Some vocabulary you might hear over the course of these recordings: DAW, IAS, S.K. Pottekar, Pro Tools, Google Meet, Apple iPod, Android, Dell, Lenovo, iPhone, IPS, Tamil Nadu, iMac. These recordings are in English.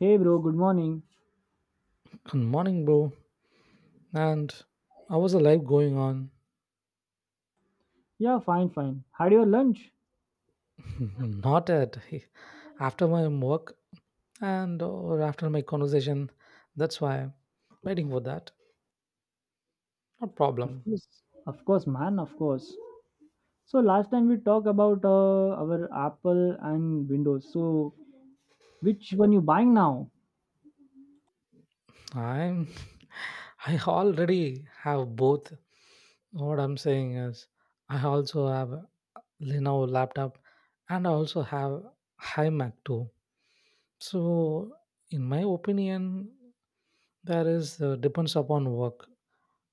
Hey bro, good morning. Good morning, bro. And I was a life going on? Yeah, fine, fine. Had your lunch? Not at after my work and or after my conversation. That's why waiting for that. No problem. Of course, man, of course. So last time we talked about our Apple and Windows. So which one you buying now? I'm I already have both. What I'm saying is I also have Lenovo laptop and I also have iMac too. So in my opinion, there is depends upon work.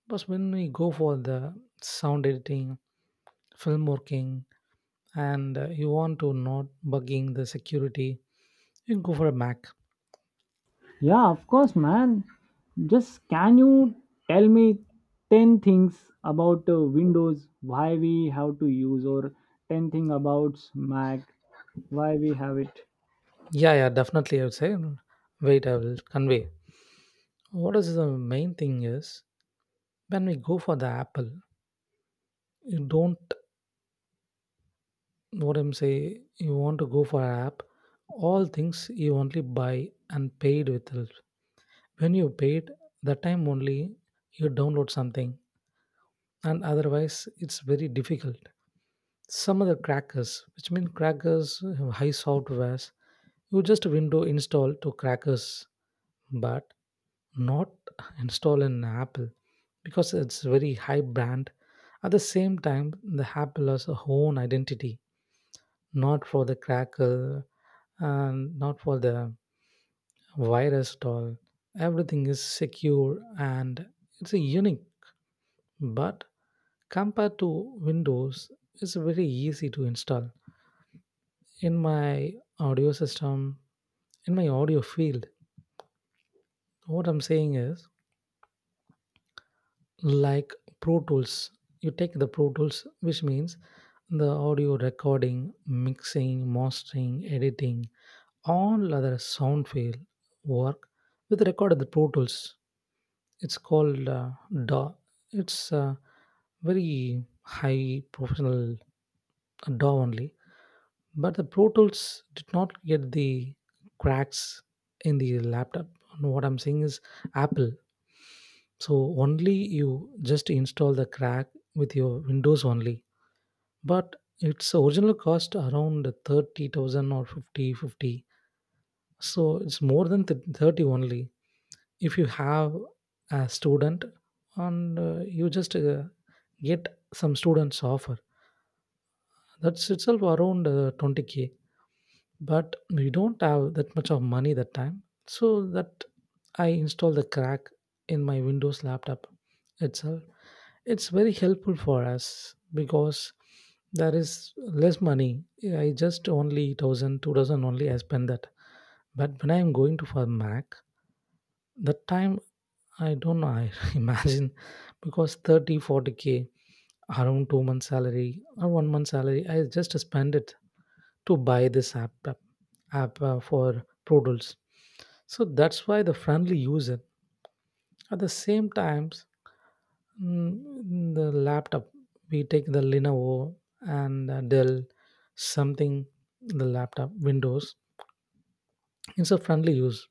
Because when we go for the sound editing, film working, and you want to not bugging the security, you can go for a Mac. Yeah, of course, man. Just can you tell me 10 things about Windows, why we have to use, or 10 thing about Mac, why we have it? Yeah, yeah, definitely. I would say, wait, I will convey. What is the main thing is when we go for the Apple, you don't what I'm say. You want to go for an app. All things you only buy and paid with it. When you paid, that time only you download something, and otherwise it's very difficult some other crackers, which mean crackers have high softwares you just window install to crackers, but not install in Apple because it's very high brand. At the same time, the Apple has a own identity, not for the cracker and not for the virus at all. Everything is secure and it's a unique. But compared to Windows, it's very easy to install in my audio system, in my audio field. What I'm saying is like Pro Tools. You take the Pro Tools, which means the audio recording, mixing, mastering, editing, all other sound field work with the record of the Pro Tools. It's called DAW. It's very high professional DAW only. But the Pro Tools did not get the cracks in the laptop. No, what I'm saying is Apple. So only you just install the crack with your Windows only. But its original cost around 30,000 or 50 50. So it's more than 30 only. If you have a student and you just get some students offer, that's itself around 20K, but we don't have that much of money that time, so that I install the crack in my Windows laptop itself. It's very helpful for us because there is less money. I just only 1,000 2,000 only I spend that. But when I'm going to for Mac, that time, I don't know, I imagine, because 30 40 k, around 2 months salary or 1 month salary I just spend it to buy this app for produce. So that's why the friendly user. At the same times, in the laptop, we take the Lenovo and Dell, something the laptop Windows. It's a friendly use.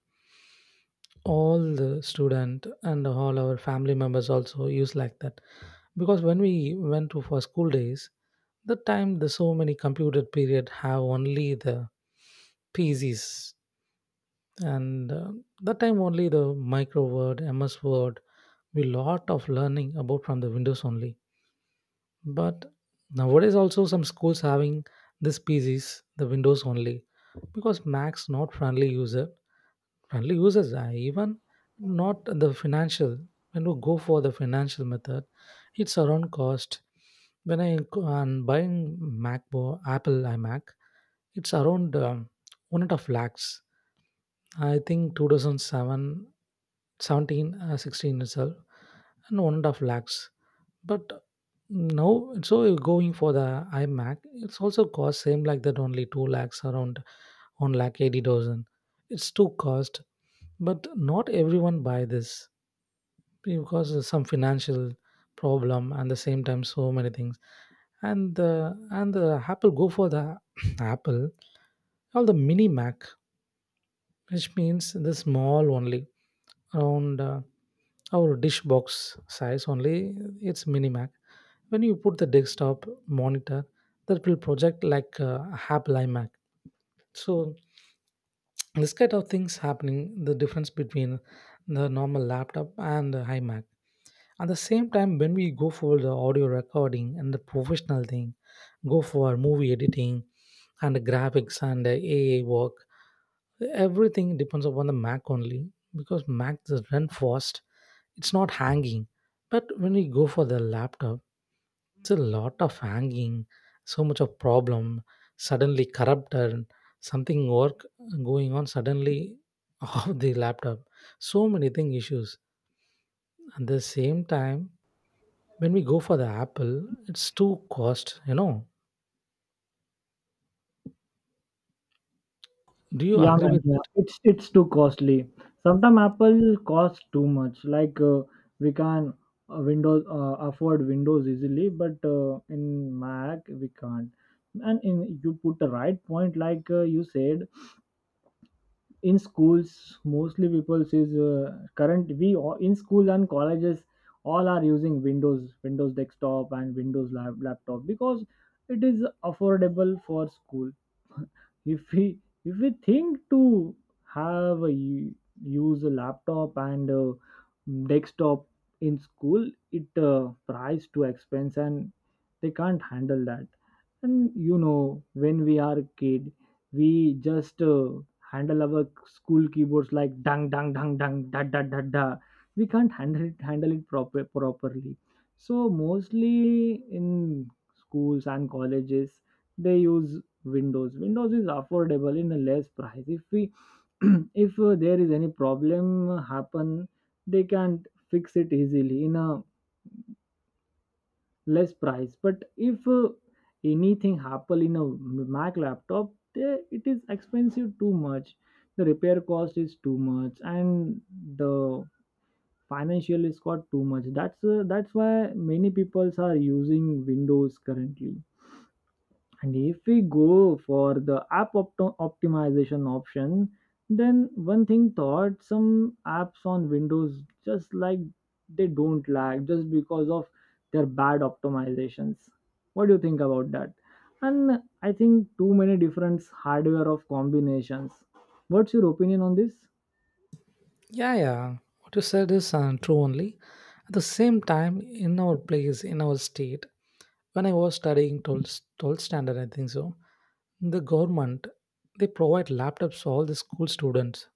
All the student and all our family members also use like that, because when we went to for school days, the time the so many computer period have only the PCs, and that time only the micro word MS Word. We lot of learning about from the Windows only. But nowadays also some schools having this PCs the Windows only, because Mac's not friendly user. Friendly users are even not the financial. When we go for the financial method, it's around cost. When I go and buying Apple iMac, it's around 1.5 lakhs. I think 2007, 16 itself, and 1.5 lakhs. But now, so you're going for the iMac, it's also cost same like that only 2 lakhs, around 1 lakh 80 thousand. It's too cost, but not everyone buy this because of some financial problem, and the same time so many things. And the Apple go for the Apple, all the mini Mac, which means the small only, around our dish box size only, it's minimac. When you put the desktop monitor, that will project like Apple iMac. So this kind of things happening the difference between the normal laptop and the iMac. At the same time, when we go for the audio recording and the professional thing, go for movie editing and graphics and AI work, everything depends upon the Mac only, because Mac just run fast. It's not hanging. But when we go for the laptop, it's a lot of hanging, so much of problem, suddenly corrupted, something work going on suddenly of the laptop. So many thing issues. At the same time, when we go for the Apple, it's too cost. Do you Yeah, agree man. with Yeah. that? It's too costly. Sometimes Apple costs too much. Like we can Windows afford Windows easily, but in Mac we can't. And in you put the right point, like you said, in schools mostly people says current we all, in school and colleges all are using Windows desktop and Windows laptop, because it is affordable for school. If we if we think to have use a laptop and a desktop in school, it price too expense, and they can't handle that. And you know when we are kid, we just handle our school keyboards like dang dang dang dang da da da da. We can't handle it properly. So mostly in schools and colleges they use Windows. Windows is affordable in a less price. If we if there is any problem happen, they can fix it easily in a less price. But if anything happen in a Mac laptop, it is expensive too much. The repair cost is too much, and the financial is got too much. That's why many peoples are using Windows currently. And if we go for the app optimization option, then one thing thought some apps on Windows just like they don't lag just because of their bad optimizations. What do you think about that? And I think too many different hardware of combinations. What's your opinion on this? Yeah, yeah. What you said is true only. At the same time, in our place, in our state, when I was studying 12th standard, I think so, the government, they provide laptops to all the school students.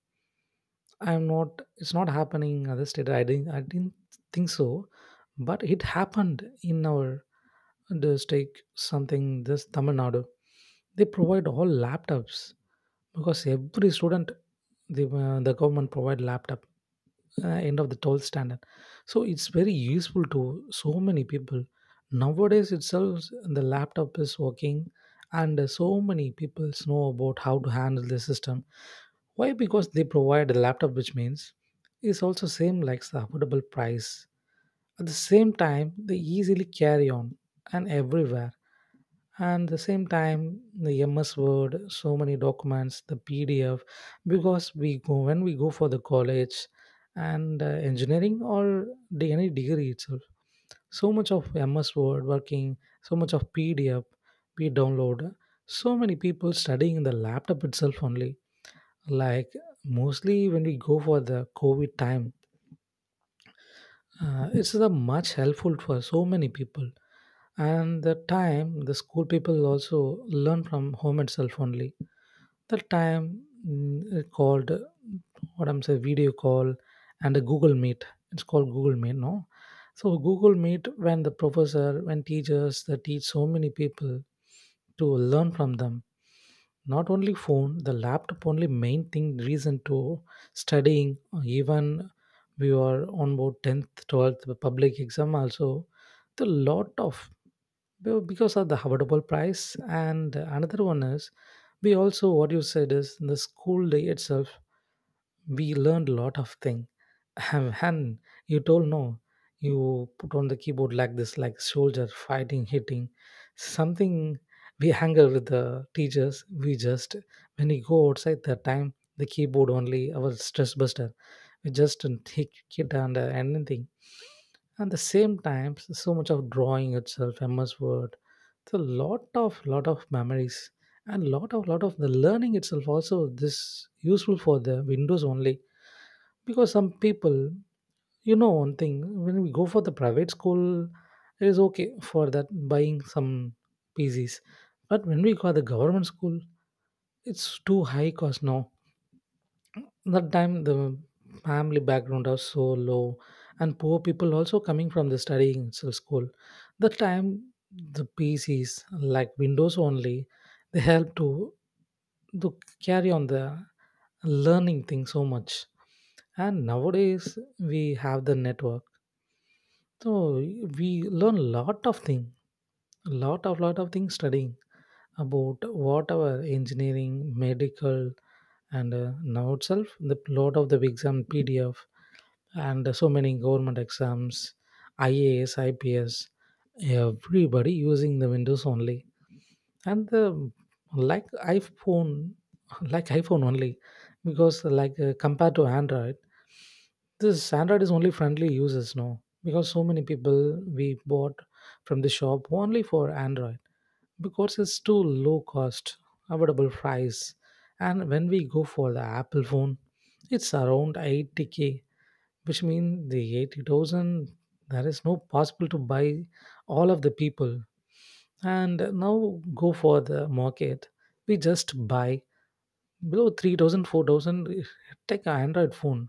I'm not, it's not happening in other state. I didn't think so. But it happened in our district, something, this Tamil Nadu. They provide all laptops, because every student, the government provide laptop end of the 12th standard. So it's very useful to so many people. Nowadays itself the laptop is working, and so many people know about how to handle the system. Why? Because they provide a laptop, which means it's also same like the affordable price. At the same time, they easily carry on and everywhere. And the same time, the MS Word, so many documents, the PDF, because we go, when we go for the college and engineering or the, any degree itself, so much of MS Word working, so much of PDF we download. So many people studying in the laptop itself only. Like mostly when we go for the COVID time, it's the much helpful for so many people. And the time, the school people also learn from home itself only. The time, mm, called what I'm saying, video call and a Google Meet. It's called Google Meet, no? So Google Meet, when the professor, when teachers, they teach so many people to learn from them. Not only phone, the laptop only main thing reason to studying. Even we are on board 10th 12th public exam also. The lot of, because of the affordable price. And another one is, we also what you said is, in the school day itself, we learned a lot of thing and you told no? You put on the keyboard like this, like soldier fighting, hitting something. We anger with the teachers, we just, when we go outside, that time, the keyboard only our stress buster. We just take it and anything. At the same time, so much of drawing itself, MS Word, it's a lot of memories, and lot of the learning itself also this useful for the Windows only. Because some people, one thing, when we go for the private school, it is okay for that buying some PCs. But when we go to the government school, it's too high cost now. That time, the family background was so low and poor people also coming from the studying school. That time, the PCs like Windows only, they help to carry on the learning thing so much. And nowadays we have the network, so we learn lot of thing, lot of things studying about whatever engineering, medical, and now itself the load of the exam PDF, and so many government exams, IAS, IPS, everybody using the Windows only. And the like iPhone, like iPhone only, because like compared to Android, this Android is only friendly users now, because so many people we bought from the shop only for Android, because it's too low cost, affordable price. And when we go for the Apple phone, it's around 80K, which means the 80,000. There is no possible to buy all of the people. And now go for the market, we just buy below 3,000 4,000, take an Android phone.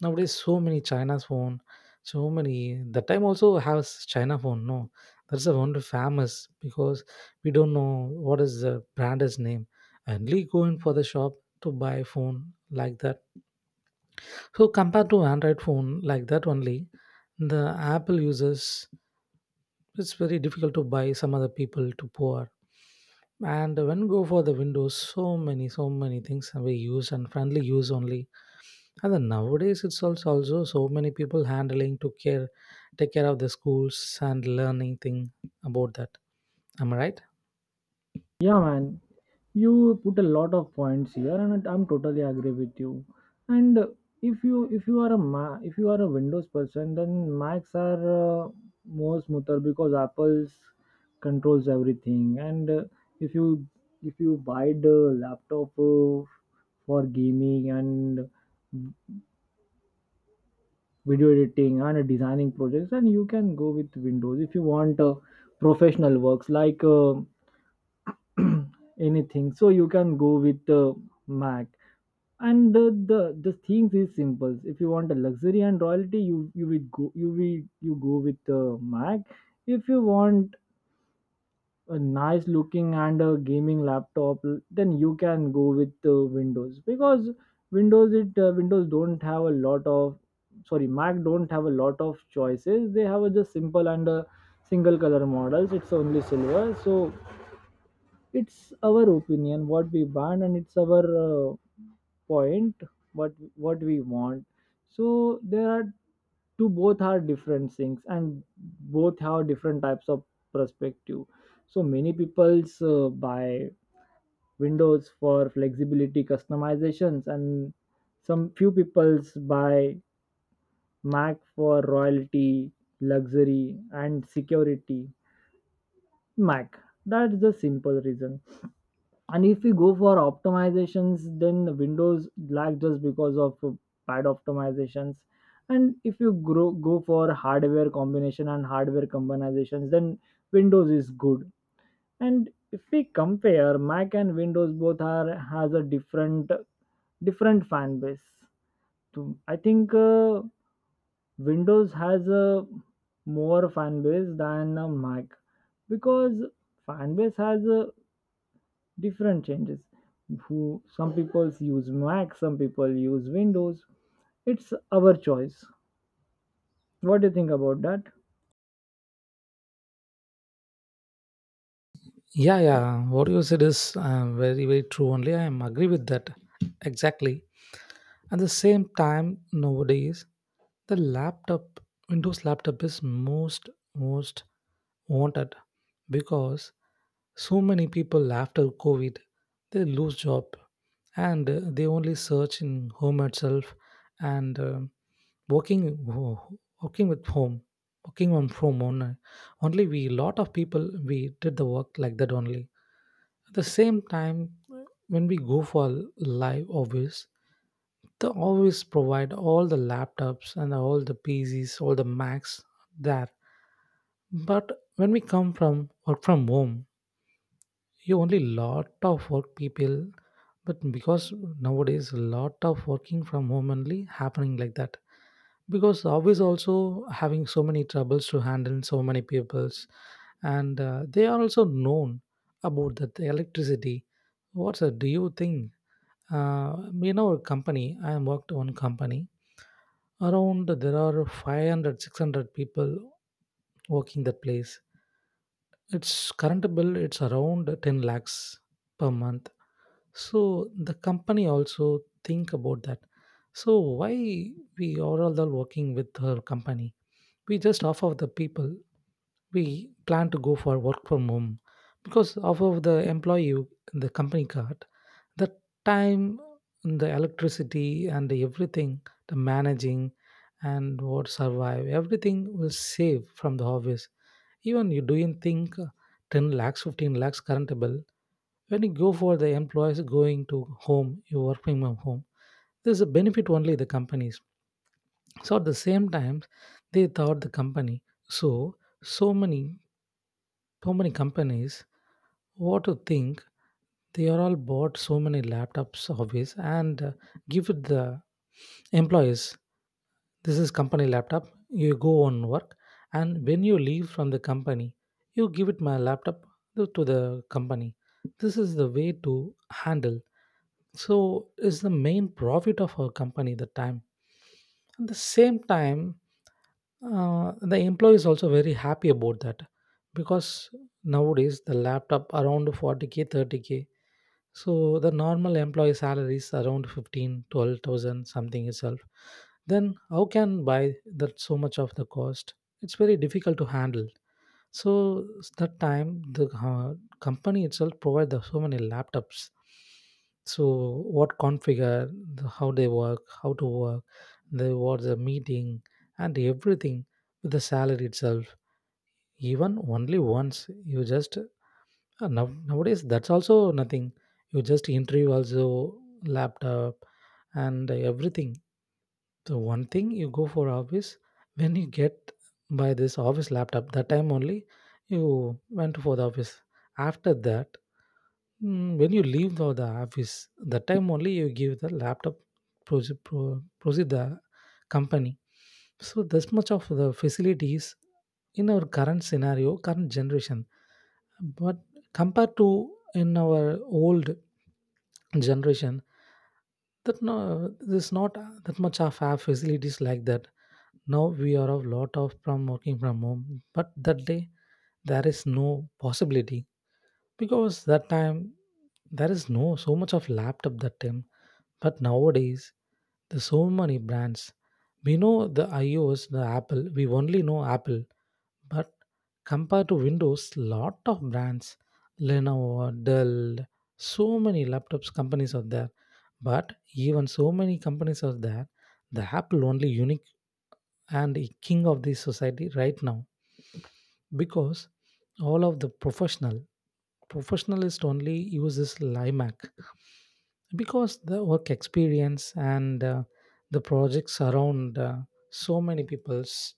Nowadays so many china's phone. So many the time also has china phone no. That's a one famous, because we don't know what is the brand's name and we go in for the shop to buy phone like that. So compared to Android phone like that only, the Apple users, it's very difficult to buy some other people to poor. And when go for the Windows, so many, so many things are we use and friendly use only. And then nowadays it's also so many people handling to care, take care of the schools and learning thing about that. Am I right? Yeah, man, you put a lot of points here, and I'm totally agree with you. And if you are a Windows person, then Macs are more smoother because Apple's controls everything. And if you if you buy the laptop for gaming and video editing and designing projects, then you can go with Windows. If you want professional works like anything, so you can go with the Mac. And the the things is simple. If you want a luxury and royalty, you will go you will you go with the Mac. If you want a nice looking and a gaming laptop, then you can go with the Windows. Because Windows don't have a lot of, sorry, Mac don't have a lot of choices. They have a just simple and a single color models. It's only silver. So it's our opinion what we want, and it's our point what we want. So there are two. Both are different things, and both have different types of perspective. So many people's buy Windows for flexibility customizations, and some few people's buy Mac for royalty, luxury, and security, Mac. That's the simple reason. And if we go for optimizations, then Windows lag just because of bad optimizations. And if you go for hardware combination and hardware combinations, then Windows is good. And if we compare Mac and Windows, both are has a different fan base. I think Windows has a more fan base than a Mac. Because fan base has a different changes. Who? Some people use Mac, some people use Windows. It's our choice. What do you think about that? Yeah, yeah. What you said is very, very true. Only I am agree with that exactly. At the same time, nowadays, the laptop, Windows laptop is most wanted, because so many people after COVID, they lose job and they only search in home itself, and working with home, working on from on. Only we, lot of people, we did the work like that only. At the same time, when we go for live office, they always provide all the laptops and all the PCs, all the Macs there. But when we come from work from home, you only lot of work people. But because nowadays a lot of working from home only happening like that. Because always also having so many troubles to handle so many peoples, and they are also known about that the electricity. What's a, do you think? A company. I am worked on company, around there are 500 600 people working that place. It's current bill, it's around 10 lakhs per month. So the company also think about that. So why we are all working with her company, we just offer the people, we plan to go for work from home because of the employee, the company card, the time, the electricity and everything, the managing and what survive, everything will save from the office. Even you doing think, 10 lakhs, 15 lakhs current bill, when you go for the employees going to home, you working from home, there's a benefit only the companies. So at the same time, they thought the company. So so many so many companies, what to think, they are all bought so many laptops hobbies, and give it the employees. This is company laptop, you go on work, and when you leave from the company, you give it my laptop to the company. This is the way to handle. So is the main profit of our company, the time. At the same time, the employee is also very happy about that because nowadays the laptop around 40k 30k. So the normal employee salary is around 15 12,000 something itself. Then how can buy that so much of the cost? It's very difficult to handle. So that time the company itself provide the so many laptops. So what configure, how they work, how to work, the what's the meeting and everything with the salary itself. Even only once you just nowadays that's also nothing. You just interview also laptop and everything. The one thing you go for office, when you get by this office laptop that time only, you went for the office. After that, when you leave the office that time only, you give the laptop, proceed the company. So this much of the facilities in our current scenario, current generation, but compared to in our old generation, that no, there's not that much of our facilities like that. Now we are a lot of from working from home, but that day there is no possibility because that time there is no so much of laptop that time. But nowadays there's so many brands. We know the ios, the apple, we only know apple. But compared to windows, lot of brands, lenovo, dell, so many laptops companies are there. But even so many companies are there, the Apple only unique and a king of the society right now because all of the professional, professionalist only uses Limac because the work experience and the projects around, so many people's,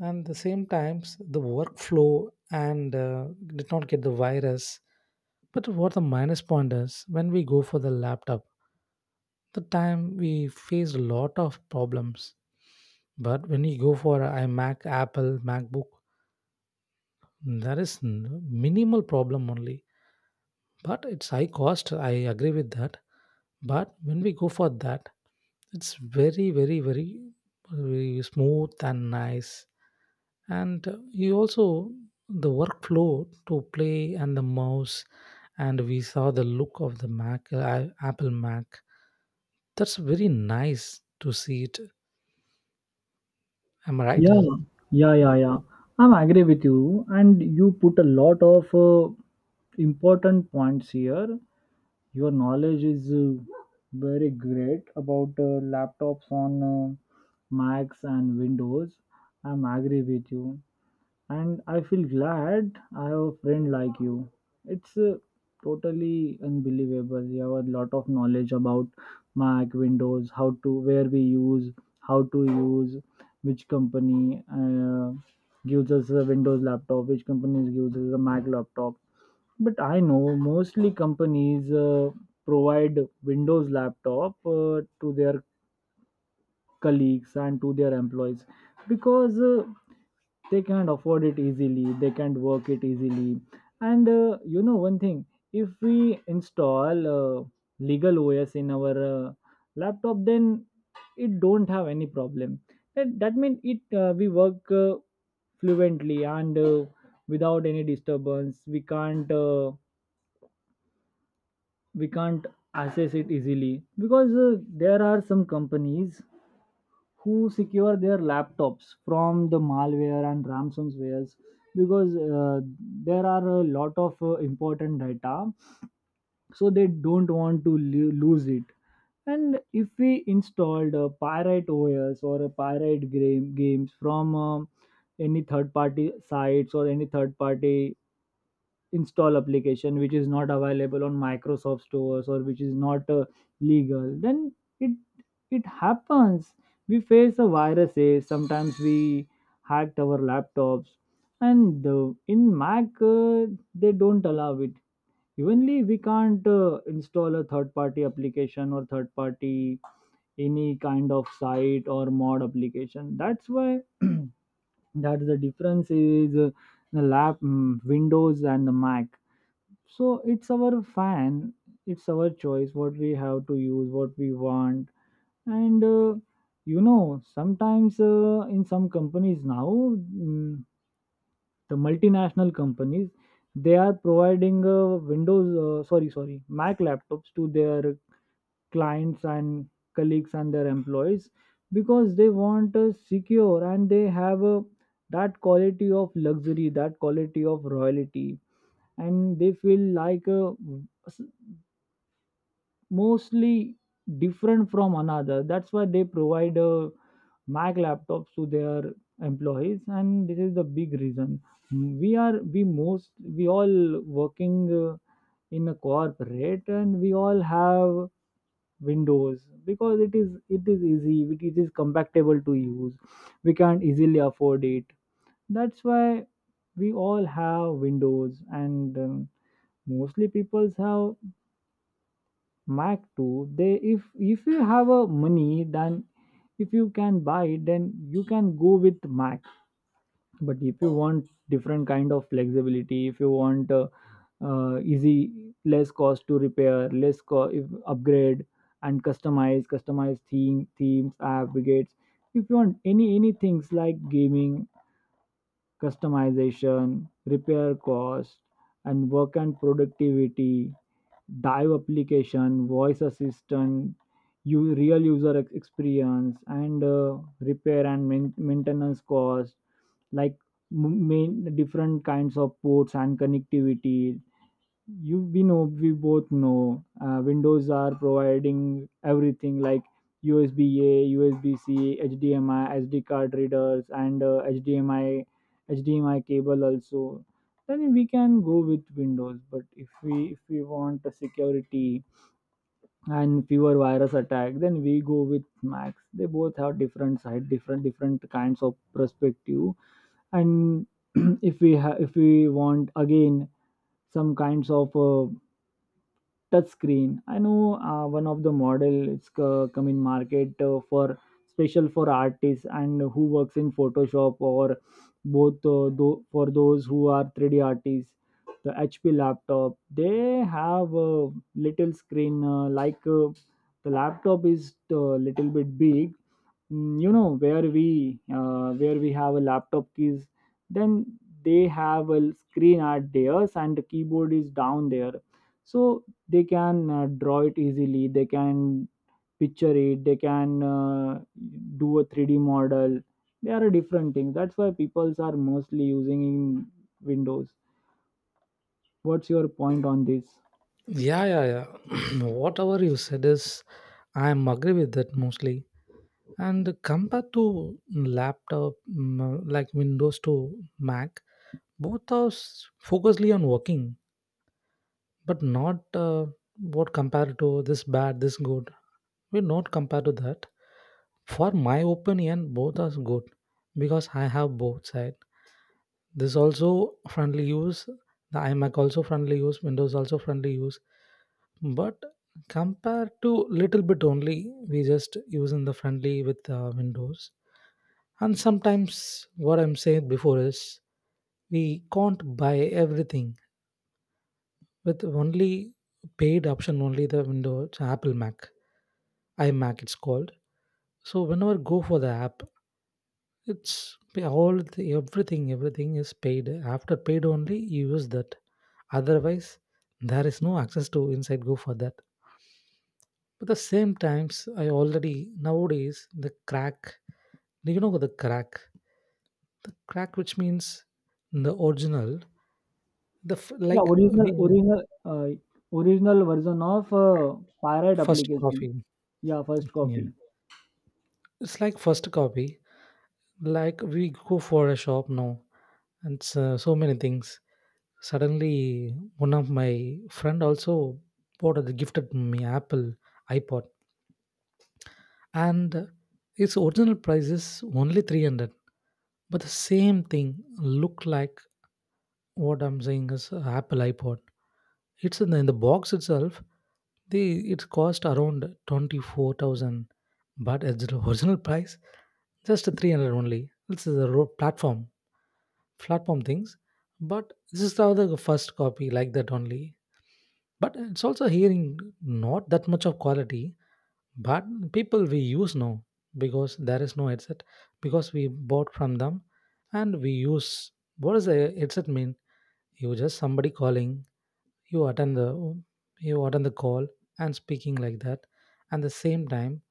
and the same times the workflow and did not get the virus. But what the minus point is, when we go for the laptop the time, we face a lot of problems. But when you go for a imac, apple macbook, there is minimal problem only. But it's high cost, I agree with that. But when we go for that, it's very very very, very smooth and nice. And you also the workflow, to play and the mouse, and we saw the look of the mac, apple mac, that's very nice to see it. Am I right? Yeah, yeah, yeah, yeah, I'm agree with you. And you put a lot of important points here. Your knowledge is very great about laptops on Macs and Windows. I'm agree with you. And I feel glad I have a friend like you. It's totally unbelievable. You have a lot of knowledge about Mac, Windows, how to where we use, how to use, which company gives us a Windows laptop, which company gives us a Mac laptop. But I know mostly companies provide Windows laptop to their colleagues and to their employees, because they can't afford it easily, they can't work it easily. And you know one thing, if we install legal OS in our laptop, then it don't have any problem. That means it we work fluently, and without any disturbance we can't access it easily. Because there are some companies who secure their laptops from the malware and ransomwares, because there are a lot of important data. So they don't want to lose it. And if we installed a pirate OS or a pirate games from any third party sites or any third party install application which is not available on Microsoft stores, or which is not legal, then it it happens. We face a viruses, sometimes we hacked our laptops. And in Mac they don't allow it. Evenly we can't install a third party application or third party any kind of site or mod application. That's why that's the difference is the Windows and the Mac. So it's our choice what we have to use, what we want. And sometimes in some companies now, the multinational companies, they are providing Windows, sorry, sorry, Mac laptops to their clients and colleagues and their employees, because they want a secure, and they have that quality of luxury, that quality of royalty. And they feel like s- mostly different from another. That's why they provide Mac laptops to their employees, and this is the big reason. We are we most we all working uh, in a corporate, and we all have Windows because it is easy, it is compatible to use. We can't easily afford it. That's why we all have Windows. And mostly people have Mac too. They if you have a money, then if you can buy, then you can go with Mac. But if you want different kind of flexibility, if you want easy, less cost to repair, if upgrade and customize themes, app widgets. If you want any things like gaming customization, repair cost, and work and productivity, dive application, voice assistant, real user experience, and repair and maintenance cost, like main different kinds of ports and connectivity, you we know we both know Windows are providing everything like USB, a USB C, HDMI, SD card readers, and HDMI cable also. Then we can go with Windows. But if we want a security and fewer virus attack, then we go with Macs. They both have different side, different kinds of perspective. And if we want again some kinds of touch screen. I know one of the model it's come in market for special for artists and who works in Photoshop, or both for those who are 3D artists. The HP laptop, they have a little screen like the laptop is a little bit big. Mm, you know where we have a laptop keys, then they have a screen at theirs, and the keyboard is down there. So they can draw it easily, they can picture it, they can do a 3D model. They are a different thing. That's why peoples are mostly using in Windows. What's your point on this? Yeah, yeah, yeah. Whatever you said is, I am agree with that mostly. And compared to laptop, mm, like Windows to Mac, both are focusly on working, but not what compared to this bad, this good. We not compare to that. For my opinion, both are good because I have both side. This also friendly use, the imac also friendly use, windows also friendly use. But compared to little bit only, we just using the friendly with windows. And sometimes what I'm saying before is, we can't buy everything with only paid option only, the windows, apple mac, imac it's called. So whenever go for the app, it's all the, everything, everything is paid. After paid only, you use that. Otherwise, there is no access to inside. Go for that. But the same times, I already nowadays the crack. Do you know the crack? The crack, which means the original, the Yeah, like original we, original uh, original version of pirate first application. copy. Yeah, first Yeah, copy. it's like first copy. Like we go for a shop now, and so, so many things. Suddenly, one of my friend also bought the gifted me Apple iPod, and its original price is only 300. But the same thing look like what I'm saying is a Apple iPod. It's in in the box itself. The it cost around 24,000, but at the original price, just 300 only. This is a platform, platform things, but this is the other first copy like that only. But it's also hearing not that much of quality. But people we use now because there is no headset, because we bought from them and we use. What does a headset mean? You just somebody calling, you attend the, you attend the call and speaking like that. And the same time,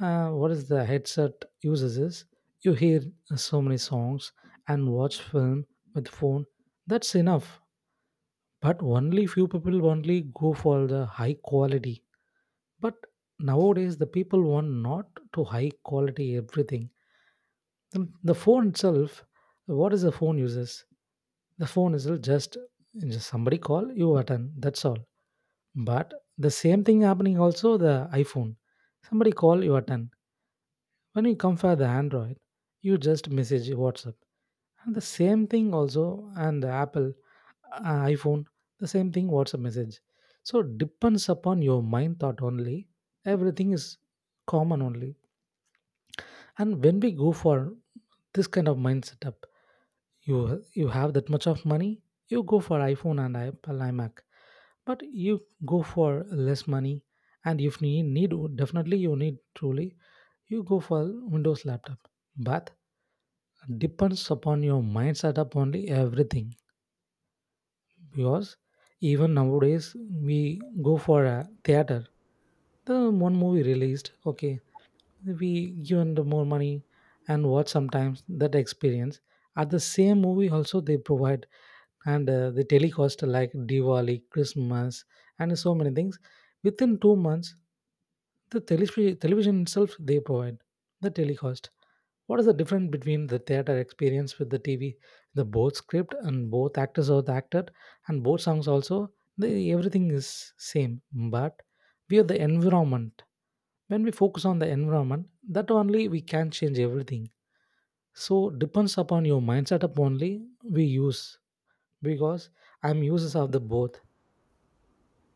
what is the headset uses is, you hear so many songs and watch film with phone, that's enough. But only few people only go for the high quality. But nowadays, the people want not to high quality everything. The phone itself, what is the phone uses? The phone is just somebody call you attend. That's all. But the same thing happening also the iPhone. Somebody call you attend. When you compare the Android, you just message WhatsApp. And the same thing also, and the Apple, iPhone, the same thing, WhatsApp message. So depends upon your mind thought only. Everything is common only. And when we go for this kind of mind setup, you have that much of money, you go for iPhone and Apple iMac. But you go for less money, and if you need, definitely you need truly, you go for Windows laptop. But depends upon your mind setup only everything. Because even nowadays, we go for a theater, the one movie released, okay, we given the more money and watch sometimes that experience. At the same movie also they provide, and they telecast like diwali, christmas and so many things. Within 2 months, the television itself they provide the telecast. What is the difference between the theater experience with the TV? The both script and both actors are the actor, and both songs also. The, everything is same, but we are the environment. When we focus on the environment, that only we can change everything. So depends upon your mindset up only we use, because I'm users of the both.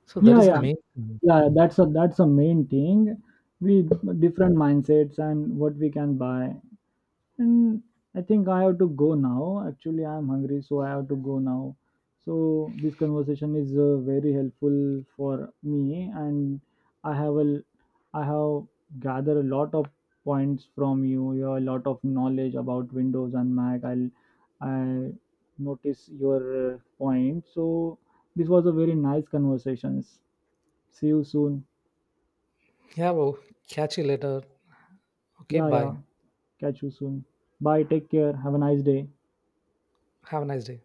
So that Yeah, is the yeah. main thing. Yeah, that's a main thing. We different mindsets and what we can buy. And I think I have to go now. Actually, I'm hungry, so I have to go now. So this conversation is very helpful for me, and I have a I have gathered a lot of points from you. You have a lot of knowledge about Windows and Mac. I notice your point. So this was a very nice conversations. See you soon. Yeah, well, catch you later. Okay, Yeah, bye. yeah. Catch you soon. Bye. Take care. Have a nice day. Have a nice day.